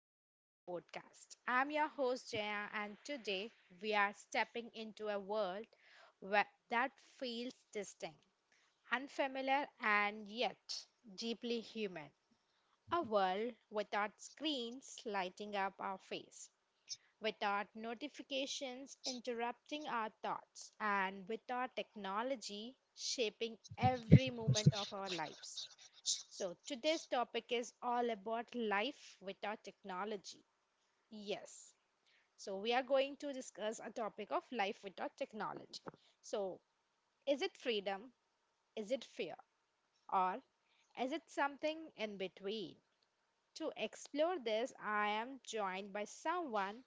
back to our podcast. I'm your host, Jaya, and today we are stepping into a world that feels distinct, unfamiliar, and yet deeply human. A world without screens lighting up our face, without notifications interrupting our thoughts, and without technology shaping every moment of our lives. So, today's topic is all about life without technology. Yes. So, we are going to discuss a topic of life without technology. So, is it freedom? Is it fear? Or is it something in between? To explore this, I am joined by someone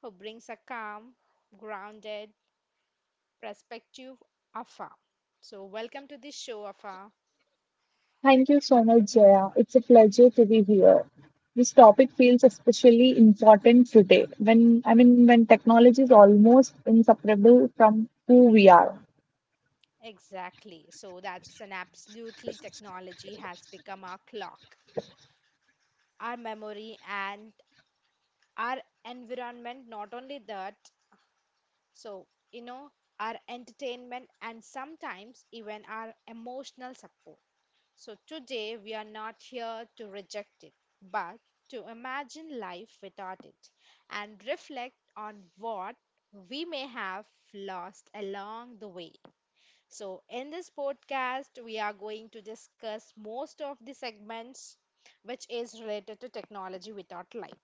who brings a calm, grounded perspective, Afa. So, welcome to the show, Afa. Thank you so much, Jaya. It's a pleasure to be here. This topic feels especially important today when I mean when technology is almost inseparable from who we are. Exactly. So, that's an absolutely technology has become our clock, our memory, and our environment. Not only that, so you know our entertainment and sometimes even our emotional support. So today we are not here to reject it, but to imagine life without it and reflect on what we may have lost along the way. So, in this podcast, we are going to discuss most of the segments which is related to technology without life.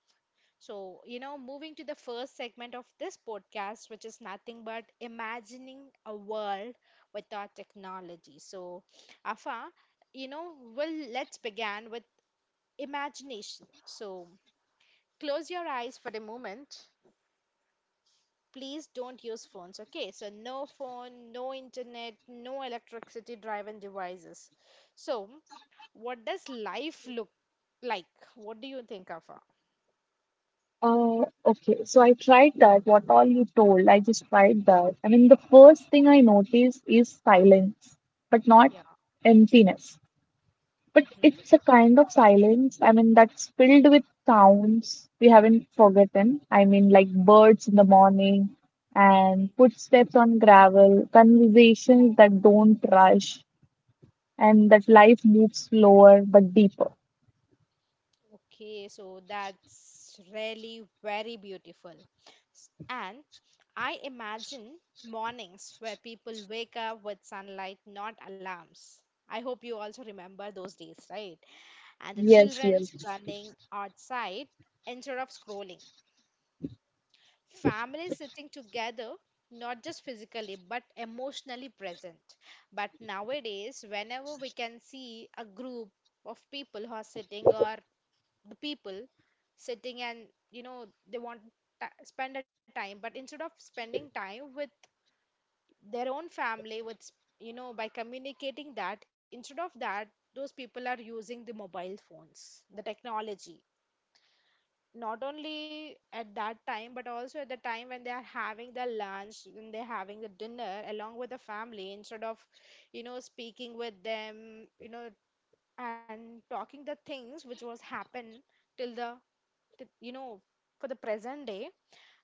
So, moving to the first segment of this podcast, which is nothing but imagining a world without technology. So, Afa, let's begin with imagination. So, close your eyes for a moment. Please don't use phones, okay? So, no phone, no internet, no electricity driven devices. So, what does life look like? What do you think, Afa? Okay, so I tried that. What all you told, I just tried that. I mean, the first thing I noticed is silence, but not Yeah. emptiness. But Mm-hmm. it's a kind of silence, that's filled with sounds we haven't forgotten. I mean, like birds in the morning and footsteps on gravel, conversations that don't rush, and that life moves slower but deeper. Okay, so that's really very beautiful. And I imagine mornings where people wake up with sunlight, not alarms. I hope you also remember those days, right? And the Yes, children yes. running outside instead of scrolling. Families sitting together, not just physically but emotionally present. But nowadays, whenever we can see a group of people who are sitting, or the people sitting and they want to spend a time, but instead of spending time with their own family with by communicating that, instead of that, those people are using the mobile phones, the technology, not only at that time but also at the time when they are having their lunch, when they're having the dinner along with the family, instead of speaking with them, you know and talking the things which was happen till the t- you know for the present day,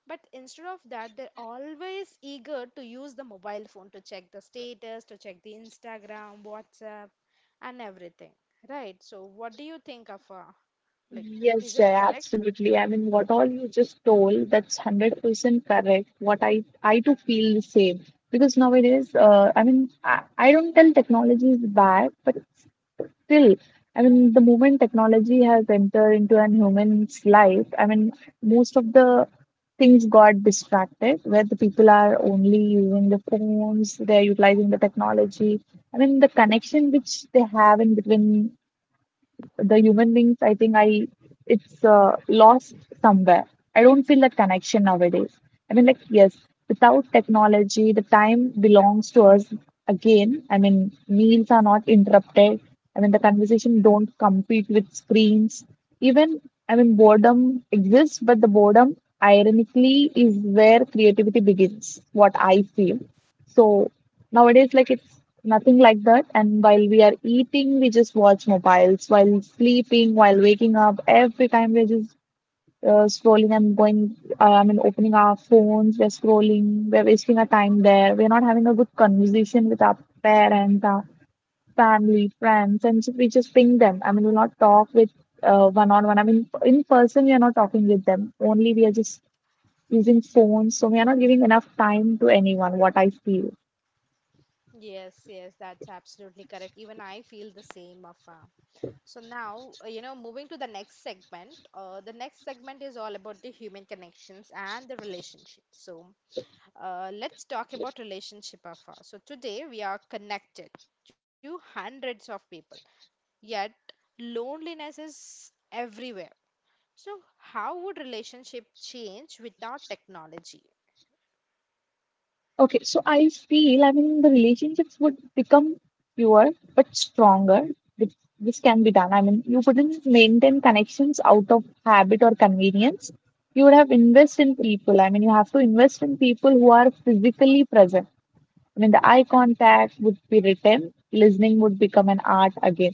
but instead of that they're always eager to use the mobile phone to check the status, to check the Instagram, WhatsApp, and everything, right? So what do you think of like, Yes, is it Jay, correct? absolutely. I mean, what all you just told, that's 100% correct. I too feel the same because nowadays, I don't tell technology is bad, but still, I mean, the moment technology has entered into an human's life, I mean, most of the things got distracted where the people are only using the phones, they're utilizing the technology. I mean, the connection which they have in between the human beings, I think I it's lost somewhere. I don't feel that connection nowadays. I mean, like yes, without technology, the time belongs to us again. I mean, meals are not interrupted. I mean, the conversation don't compete with screens. Even I mean, boredom exists, but the boredom ironically is where creativity begins. What I feel. So nowadays, Mm. like it's nothing like that. And while we are eating, we just watch mobiles. While sleeping, while waking up, every time we're just scrolling and going, opening our phones, we're scrolling, we're wasting our time there. We're not having a good conversation with our parents, our family, friends, and so we just ping them. I mean, we'll not talk with one on one. I mean, in person, we are not talking with them. Only we are just using phones. So we are not giving enough time to anyone, what I feel. Yes, yes, that's absolutely correct. Even I feel the same, Afa. So now, moving to the next segment. The next segment is all about the human connections and the relationships. So let's talk about relationship afar. So today we are connected to hundreds of people, yet loneliness is everywhere. So how would relationship change without technology? Okay, so I feel, I mean, the relationships would become fewer but stronger. This can be done. I mean, you wouldn't maintain connections out of habit or convenience. You would have invest in people. I mean, you have to invest in people who are physically present. I mean, the eye contact would be retained, listening would become an art again.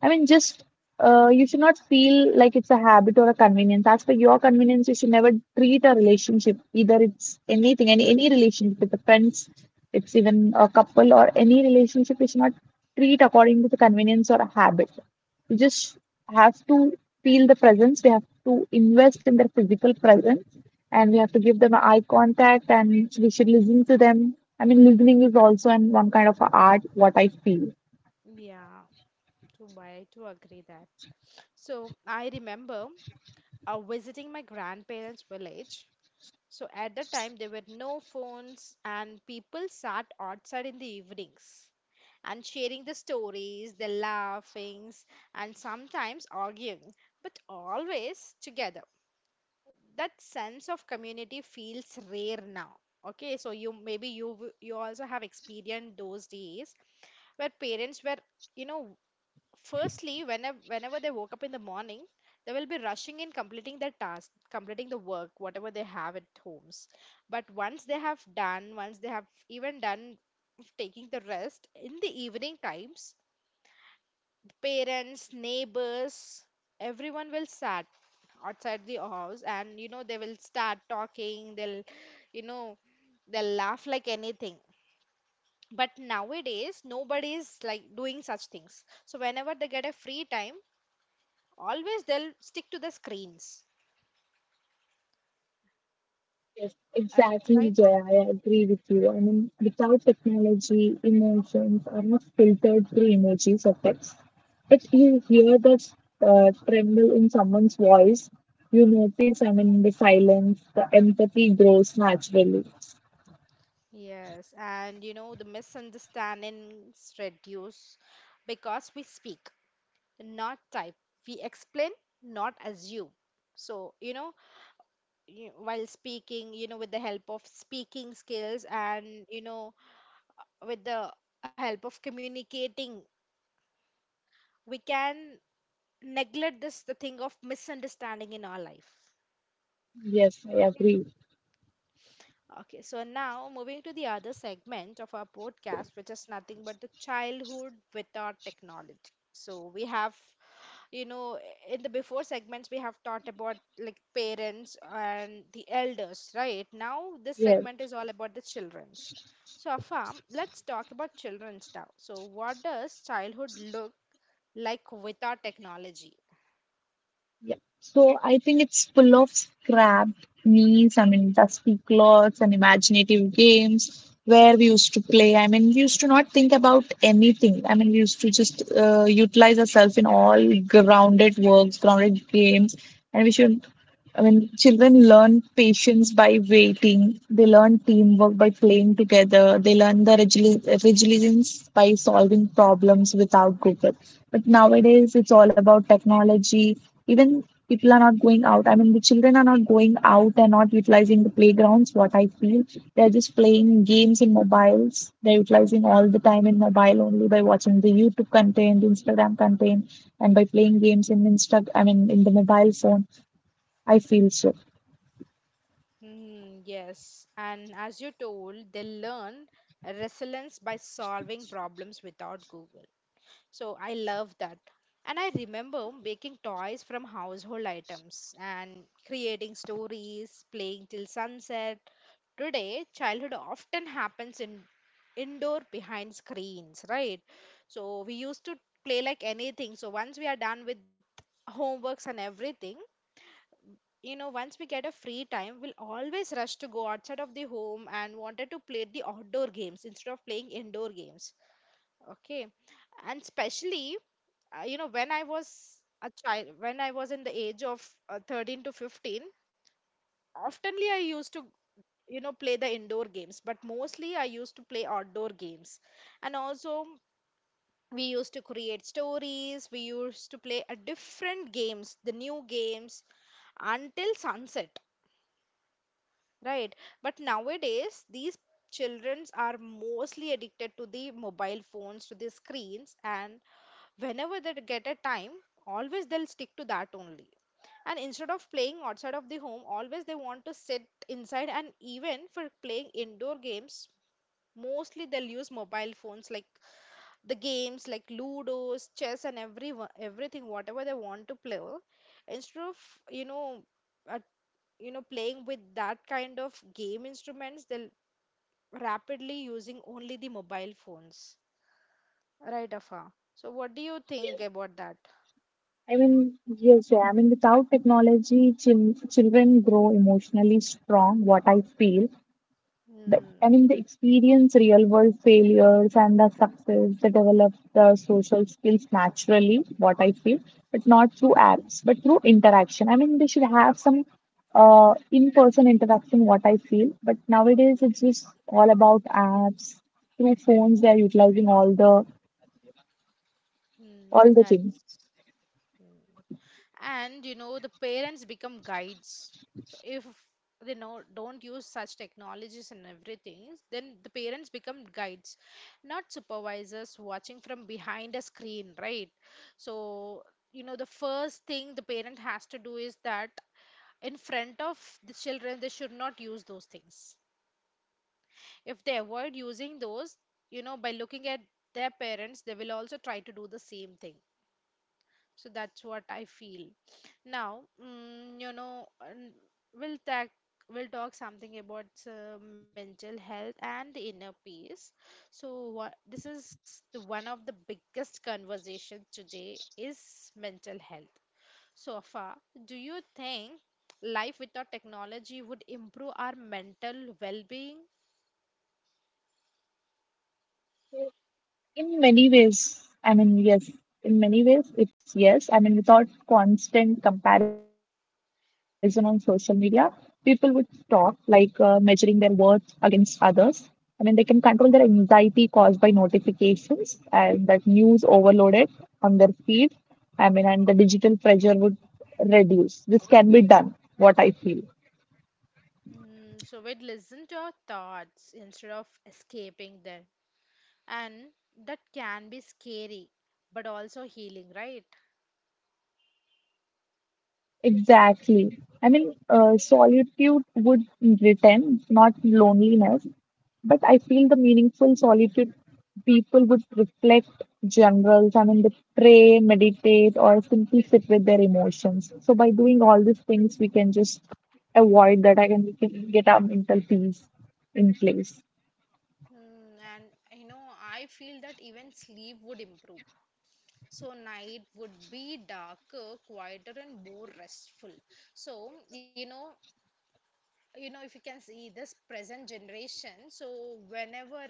I mean, just You Hmm. should not feel like it's a habit or a convenience. As for your convenience, you should never treat a relationship, either it's anything, any relationship with the friends, it's even a couple or any relationship, you should not treat according to the convenience or a habit. You just have to feel the presence. We have to invest in their physical presence, and we have to give them eye contact, and we should listen to them. I mean, listening is also an one kind of a art. What I feel. Yeah, so I to agree that. So I remember visiting my grandparents' village. So at the time, there were no phones, and people sat outside in the evenings and sharing the stories, the laughings, and sometimes arguing, but always together. That sense of community feels rare now. Okay, so you maybe you w- you also have experienced those days where parents were you know firstly, whenever they woke up in the morning, they will be rushing in completing their task, completing the work, whatever they have at homes. But once they have done, once they have even done taking the rest, in the evening times, parents, neighbors, everyone will sat outside the house, and they will start talking, they'll you know they'll laugh like anything. But nowadays nobody is like doing such things. So whenever they get a free time, always they'll stick to the screens. Yes, uh, exactly, right. Jay. I agree with you. I mean, without technology, emotions are not filtered through emojis or text. But you hear that tremble in someone's voice, you notice, I mean, the silence, the empathy grows naturally. Yes, and the misunderstandings reduce because we speak, not type. We explain, not assume. So while speaking, you know, with the help of speaking skills, and with the help of communicating, we can neglect this the thing of misunderstanding in our life. Yes, I agree. Okay, so now moving to the other segment of our podcast, which is nothing but the childhood without technology. So we have, you know, in the before segments, we have talked about like parents and the elders, right? Now this Yes. segment is all about the children's. So Afam, let's talk about children's now. So what does childhood look like without technology? Yeah. So I think it's full of scrapped meals, I mean, dusty clothes and imaginative games where we used to play. I mean, we used to not think about anything. I mean, we used to just utilize ourselves in all grounded works, grounded games, and we should I mean, children learn patience by waiting. They learn teamwork by playing together. They learn the resilience by solving problems without Google. But nowadays, it's all about technology. Even people are not going out. I mean, the children are not going out and not utilizing the playgrounds, what I feel. They're just playing games in mobiles. They're utilizing all the time in mobile only by watching the YouTube content, Instagram content, and by playing games in Insta, I mean, in the mobile phone I feel so. Mm, yes, and as you told, they learn resilience by solving problems without Google. So I love that. And I remember making toys from household items and creating stories, playing till sunset. Today, childhood often happens in indoor behind screens, right? So we used to play like anything. So once we are done with homeworks and everything, once we get a free time, we'll always rush to go outside of the home and wanted to play the outdoor games instead of playing indoor games, okay? And especially when I was a child, when I was in the age of 13 to 15, oftenly I used to play the indoor games, but mostly I used to play outdoor games. And also we used to create stories, we used to play a different games, the new games, until sunset. Right. But nowadays, these children are mostly addicted to the mobile phones, to the screens, and whenever they get a time, always they'll stick to that only. And instead of playing outside of the home, always they want to sit inside, and even for playing indoor games, mostly they'll use mobile phones like the games like Ludos, chess, and everything, whatever they want to play. Instead of, you know, uh, playing with that kind of game instruments, they'll rapidly using only the mobile phones. Right, Afa. So, what do you think about that? I mean, yes, Jay, I mean, without technology, children grow emotionally strong, what I feel. The, I Hmm. mean, they experience real world failures and the success. They develop the social skills naturally, what I feel, but not through apps, but through interaction. I mean, they should have some in-person interaction, what I feel. But nowadays, it's just all about apps. Through phones, they are utilizing all Hmm. the things. That's. Hmm. And, the parents become guides. So, if they know don't use such technologies and everything, then the parents become guides, not supervisors watching from behind a screen, right? So, the first thing the parent has to do is that in front of the children, they should not use those things. If they avoid using those, by looking at their parents, they will also try to do the same thing. So that's what I feel now. And we'll talk we'll talk something about mental health and the inner peace. So what this is the one of the biggest conversations today is mental health. So far, do you think life without technology would improve our mental well-being? In many ways, I mean, yes, in many ways, it's yes. I mean, without constant comparison on social media, people would stop like measuring their worth against others. I mean, they can control their anxiety caused by notifications and that news overloaded on their feed. I mean, and the digital pressure would reduce. This can be done, what I feel. Mm, so we'd listen to our thoughts instead of escaping them. And that can be scary, but also healing, right? Exactly. Solitude would return, not loneliness. But I feel the meaningful solitude people would reflect generals. I mean, they pray, meditate, or simply sit with their emotions. So by doing all these things, we can just avoid that. I can we can get our mental peace in place. Mm, and, I feel that even sleep would improve. So night would be darker, quieter, and more restful. So if you can see this present generation, so whenever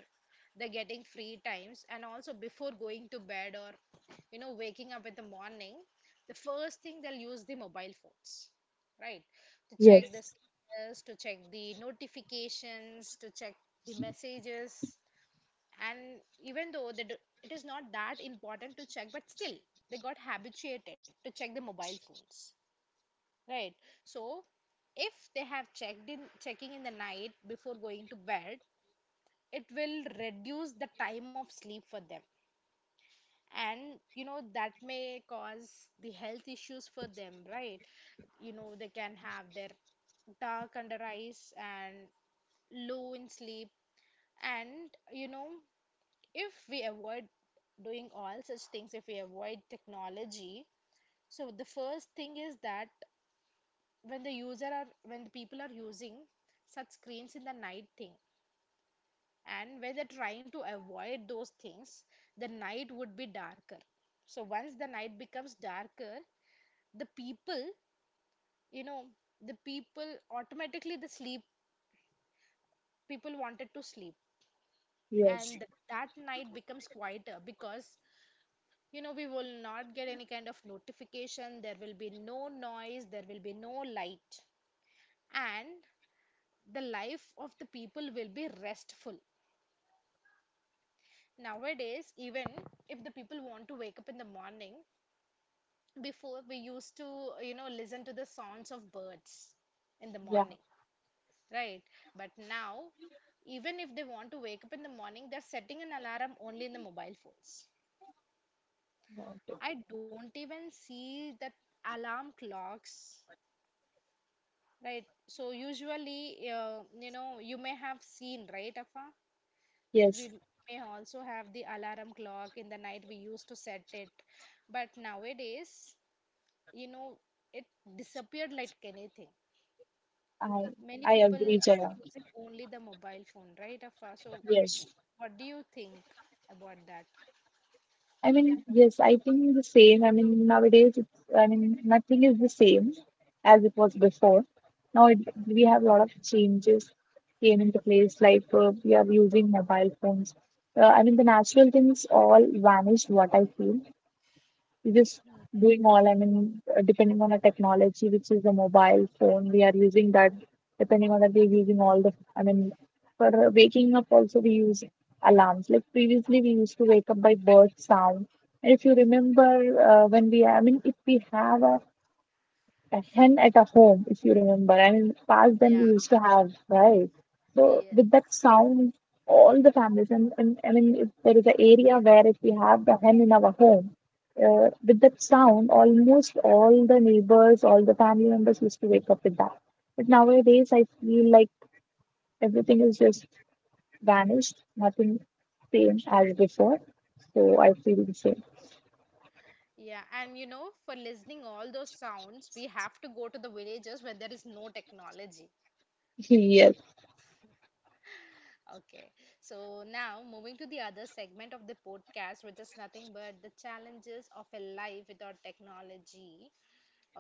they're getting free times, and also before going to bed or waking up in the morning, the first thing they'll use the mobile phones, right, to check the Yes, status, to check the notifications, to check the messages. And even though they do, it is not that important to check, but still they got habituated to check the mobile phones, right? So if they have checked in checking in the night before going to bed, it will reduce the time of sleep for them. And that may cause the health issues for them, right? They can have their dark under eyes and low in sleep. And, if we avoid doing all such things, if we avoid technology, so the first thing is that when the user are when the people are using such screens in the night thing and were they are trying to avoid those things, the night would be darker. So once the night becomes darker, the people, you know, the people automatically the sleep, people wanted to sleep, yes, and that night becomes quieter because we will not get any kind of notification. There will be no noise. There will be no light, and the life of the people will be restful. Nowadays, even if the people want to wake up in the morning, before we used to listen to the sounds of birds in the yeah, morning, right? But now, even if they want to wake up in the morning, they're setting an alarm only in the mobile phones. I don't even see that alarm clocks, right? So usually you may have seen, right, Afa? yes. We may also have the alarm clock in the night, we used to set it, but nowadays, you know it disappeared like anything. I Many I people agree, are Jaya. using only the mobile phone, right, Afa? So, Yes. w- what do you think about that? I mean, yes, I think the same. I mean, nowadays, nothing is the same as it was before. Now it, we have a lot of changes came into place, like we are using mobile phones. I mean, the natural things all vanished, what I feel we just Hmm. doing all, depending on the technology, which is the mobile phone, we are using that. Depending on that, we're using all the, I mean, for waking up also we use alarms. Like previously, we used to wake up by bird sound. And if you remember, when we, I mean, if we have a hen at a home, if you remember. I mean, past them we Yeah, used to have, right? So with that yes. sound, all the families, and if there is an area where if we have the hen in our home, with that sound, almost all the neighbors, all the family members used to wake up with that. But nowadays, I feel like everything is just vanished. Nothing same as before. So I feel the same. Yeah, and you know, for listening all those sounds, we have to go to the villages where there is no technology. Yes. Okay, so now moving to the other segment of the podcast, which is nothing but the challenges of a life without technology.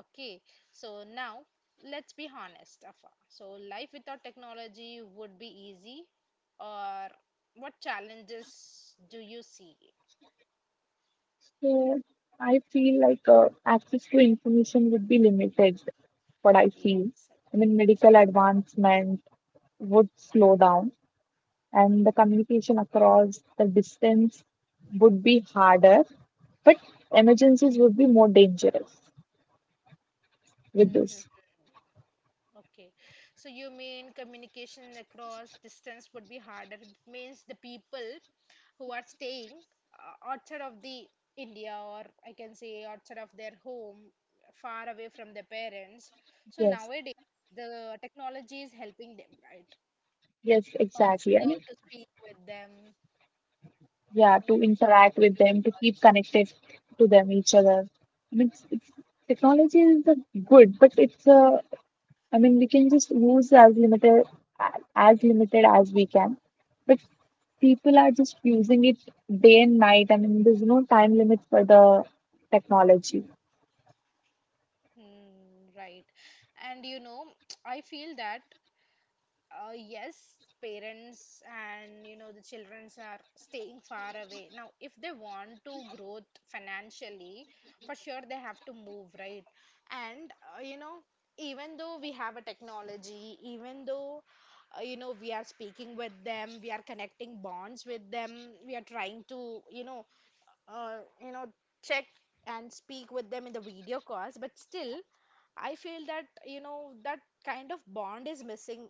Okay, so now let's be honest, Afa. So, life without technology would be easy, or what challenges do you see? So I feel like access to information would be limited what I feel. Yes, I mean, agree. medical advancement would slow down, and the communication across the distance would be harder, but emergencies would be more dangerous with this. Mm-hmm. Okay, so you mean communication across distance would be harder? It means the people who are staying outside of the India, or I can say outside of their home, far away from their parents. So Yes, nowadays, the technology is helping them, right? yes, uh, you know, exactly. I to mean, speak with them yeah, in to the interact with video them, to call. keep connected to them, each other. I mean, it's, it's, Technology is a good, but it's a we can just use as limited as we can. But people are just using it day and night. I mean, there's no time limit for the technology. Hmm, right. And you know, I feel that yes, parents and you know the childrens are staying far away. Now, if they want to grow financially, for sure they have to move, right? And you know, even though we have a technology, even though you know we are speaking with them, we are connecting bonds with them, we are trying to you know uh, you know check and speak with them in the video calls, but still I feel that you know that kind of bond is missing,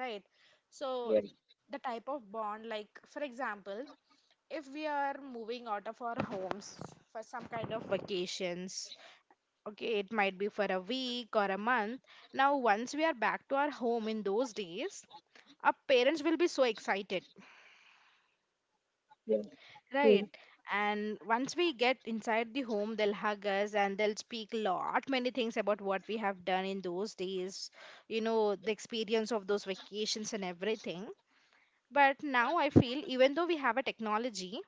right? So Yes, the type of bond, like for example, if we are moving out of our homes for some kind of vacations, okay it might be for a week or a month. Now once we are back to our home, in those days our parents will be so excited. yes, true. Right. And once we get inside the home, they'll hug us and they'll speak lot many things about what we have done in those days, you know, the experience of those vacations and everything. But now I feel even though we have a technology,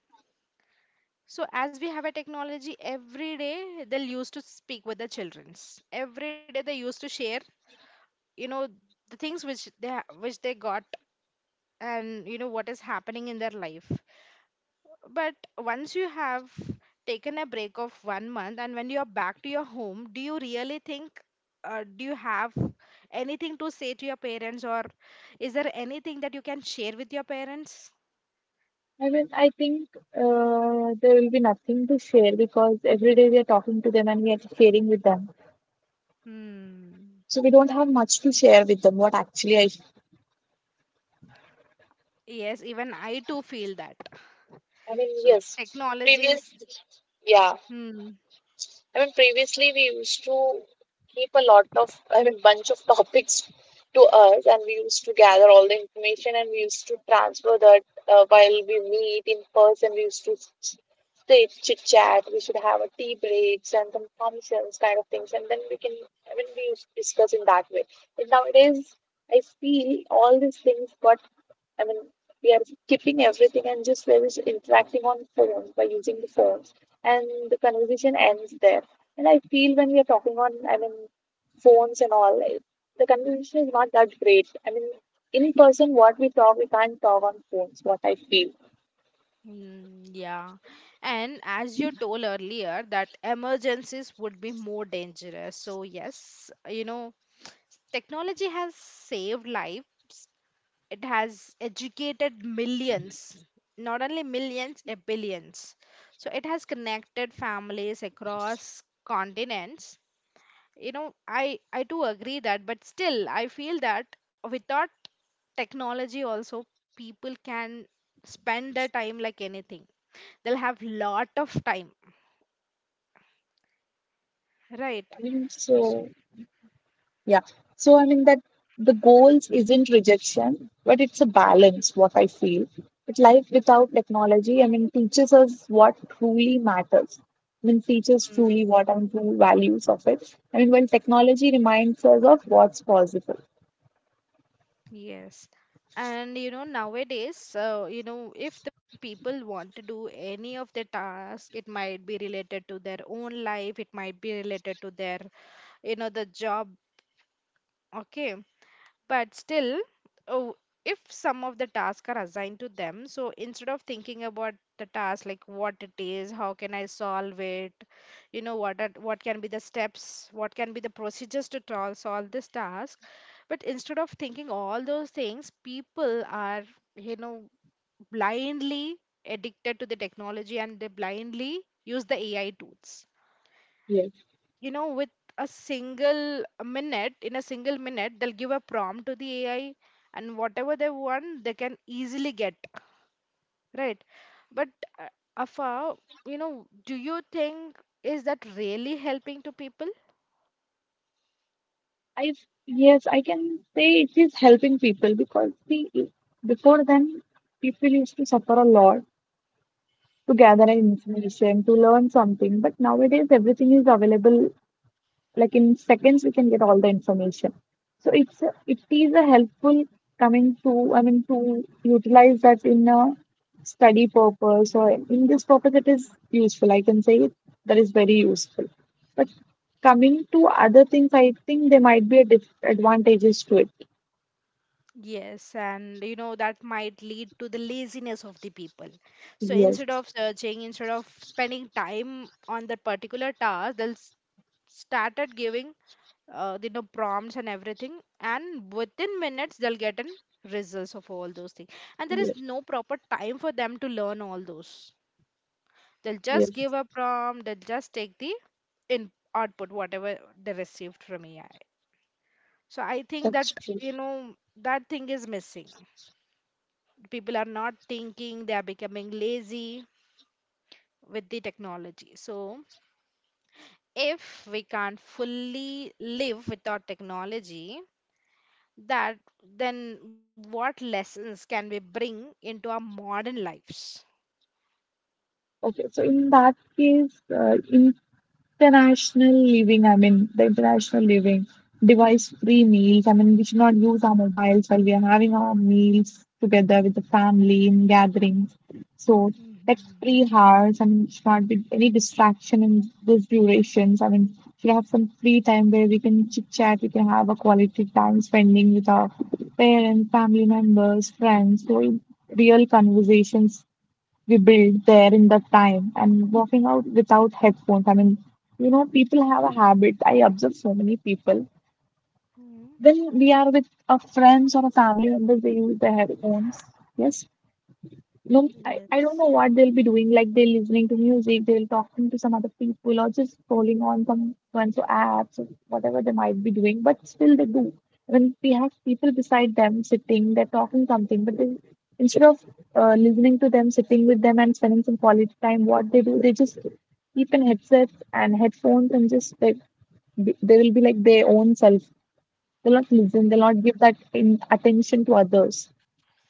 so as we have a technology every day, they'll used to speak with the childrens. Every day they used to share, you know, the things which which they got and you know what is happening in their life. But once you have taken a break of 1 month and when you are back to your home, do you really think, do you have anything to say to your parents, or is there anything that you can share with your parents? I mean, I think there will be nothing to share because every day we are talking to them and we are sharing with them. Hmm. So we don't have much to share with them. What actually Yes, even I too feel that. I mean, So yes, previous, technologies, yeah, hmm, previously we used to keep a lot of, I mean, bunch of topics to us, and we used to gather all the information and we used to transfer that while we meet in person. We used to chit chat. We should have a tea breaks and some functions kind of things, and then we can, I mean, we used to discuss in that way. But nowadays, I feel all these things got I mean, we are keeping everything and just we're just interacting on phones by using the phones, and the conversation ends there. And I feel when we are talking on, I mean, phones and all, like, the conversation is not that great. I mean, in person, what we talk, we can't talk on phones. What I feel. Hmm. Yeah. And as you told earlier that emergencies would be more dangerous. So yes, you know, technology has saved lives. It has educated millions, not only millions, a billions. So it has connected families across continents. You know, I do agree that, but still, I feel that without technology also people can spend their time like anything. They'll have lot of time, right? I mean, So, so Yeah. So I mean that the goals isn't rejection, but it's a balance, what I feel. But life without technology, I mean, teaches us what truly matters. I mean, teaches truly what and true values of it. I mean, when technology reminds us of what's possible. yes. And you know, nowadays, you know, if the people want to do any of the task, it might be related to their own life, it might be related to their, you know, the job. Okay, but still oh, if some of the tasks are assigned to them, so instead of thinking about the task like what it is, how can I solve it, you know what can be the steps, what can be the procedures to solve this task. But instead of thinking all those things, people are, you know, blindly addicted to the technology and they blindly use the AI tools, Yes. you know, with a single minute in a single minute they'll give a prompt to the AI and whatever they want they can easily get, right? But uh, Afa, you know, do you think is that really helping to people? I yes, I can say it is helping people because see before then people used to suffer a lot to gather Hmm. information, to learn something. But nowadays everything is available, like in seconds we can get all the information. So it is a helpful coming to, I mean, to utilize that in a study purpose or in this purpose it is useful. I can say it, that is very useful. But coming to other things, I think there might be a disadvantages to it. Yes, and you know that might lead to the laziness of the people. So Yes, instead of searching, instead of spending time on that particular task, started giving you know prompts and everything, and within minutes they'll get an results of all those things, and there is yes, no proper time for them to learn all those. They'll just give yes, a prompt, they'll just take the in output whatever they received from AI. So I think that, that's true. you know, that thing is missing. People are not thinking, they are becoming lazy with the technology. So if we can't fully live without technology, that then what lessons can we bring into our modern lives? Okay, so in that case, in International living, I mean, the international living, device-free meals. I mean, we should not use our mobiles while we are having our meals together with the family in gatherings. So, Mhm. tech-free hours, I mean, should not be any distraction in those durations. I mean, should have some free time where we can chit-chat, we can have a quality time spending with our parents, family members, friends. So, real conversations we build there in that time and walking out without headphones. I mean, you know, people have a habit. I observe so many people. Mhm. When we are with our friends or a family member, they use their headphones. Yes, no, I don't Yes. know what they'll be doing. Like they're listening to music, they'll talking to some other people, or just scrolling on some one's apps or whatever they might be doing. But still, they do. When we have people beside them sitting, they're talking something, but they, instead of listening to them, sitting with them, and spending some quality time, what they do, they just keep in headsets and headphones, and just they will be like their own self. They'll not listen. They'll Ye- not give that in attention to others.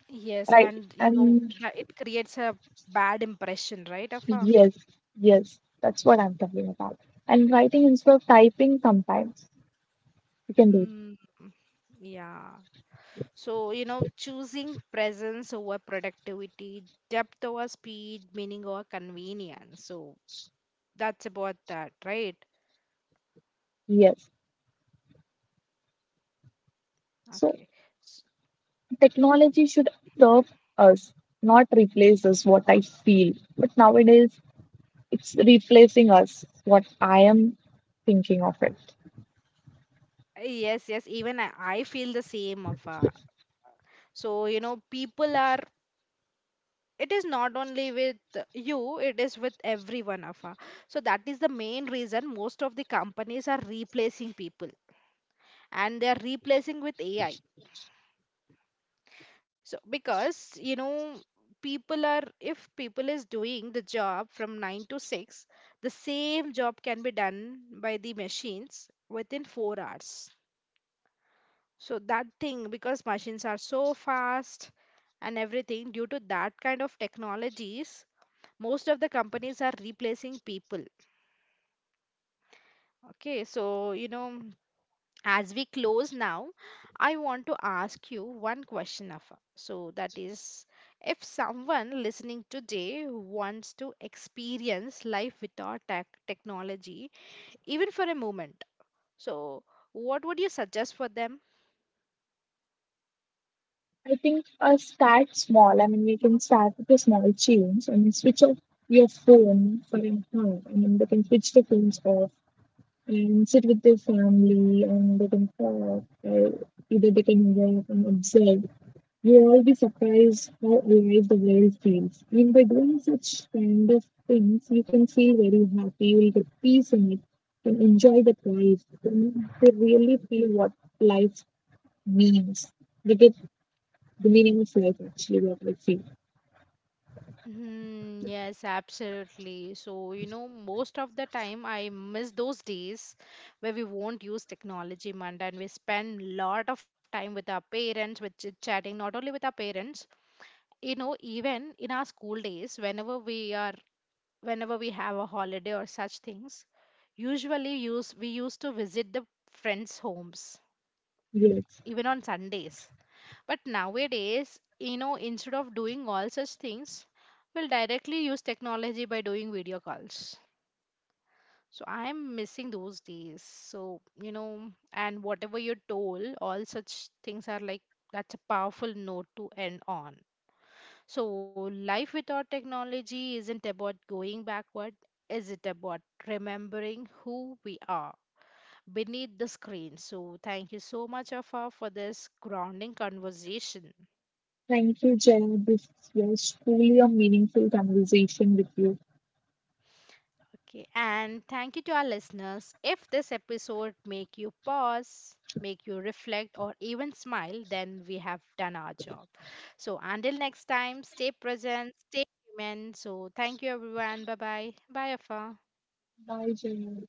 yes, Right? and you know And. that it creates a bad impression, right, Afa? Yes, yes, that's what I'm talking about. And writing instead of typing sometimes you can do it. Mm, yeah. So you know, choosing presence over productivity, depth over speed, meaning over convenience, so that's about that, right? Yes. So Okay. S- technology should serve us, not replace us, what I feel. But nowadays it's replacing us, what I am thinking of it. yes yes, even I feel the same, Afa. So, you know, people are, it is not only with you, it is with everyone of us. So, that is the main reason most of the companies are replacing people and they are replacing with AI. So, because, you know, people are, if people is doing the job from 9 to 6, the same job can be done by the machines within 4 hours. So, that thing, because machines are so fast, and everything due to that kind of technologies, most of the companies are replacing people. Okay, so you know, as we close now, I want to ask you one question of, so that is, if someone listening today wants to experience life without technology, even for a moment, so what would you suggest for them? I think start small. I mean, we can start with a small change. I mean, switch off your phone for an hour. I mean, they can switch the phones off and sit with their family and they can talk or either they can walk and observe. You'll all be surprised how alive the world feels. I mean, by doing such kind of things, you can feel very happy, you'll get peace in it, and enjoy that life. And they really feel what life means. They get the meaning of life actually, what I feel. Hmm, yes, absolutely. So, you know, most of the time I miss those days where we won't use technology, Manda, and we spend lot of time with our parents, with chit chatting, not only with our parents, you know, even in our school days, whenever we are, whenever we have a holiday or such things, usually use we used to visit the friends' homes, Yes. even on Sundays. But nowadays, you know, instead of doing all such things, we'll directly use technology by doing video calls. So I'm missing those days. So, you know, and whatever you're told, all such things are like that's a powerful note to end on. So, life without technology isn't about going backward, is it about remembering who we are beneath the screen? So, thank you so much, Afa, for this grounding conversation. Thank you, Jaya. This was truly a meaningful conversation with you. Okay, and thank you to our listeners. If this episode make you pause, make you reflect or even smile, then we have done our job. So until next time, stay present, stay human. So thank you everyone. Bye bye. Bye Afa. Bye, Jaya.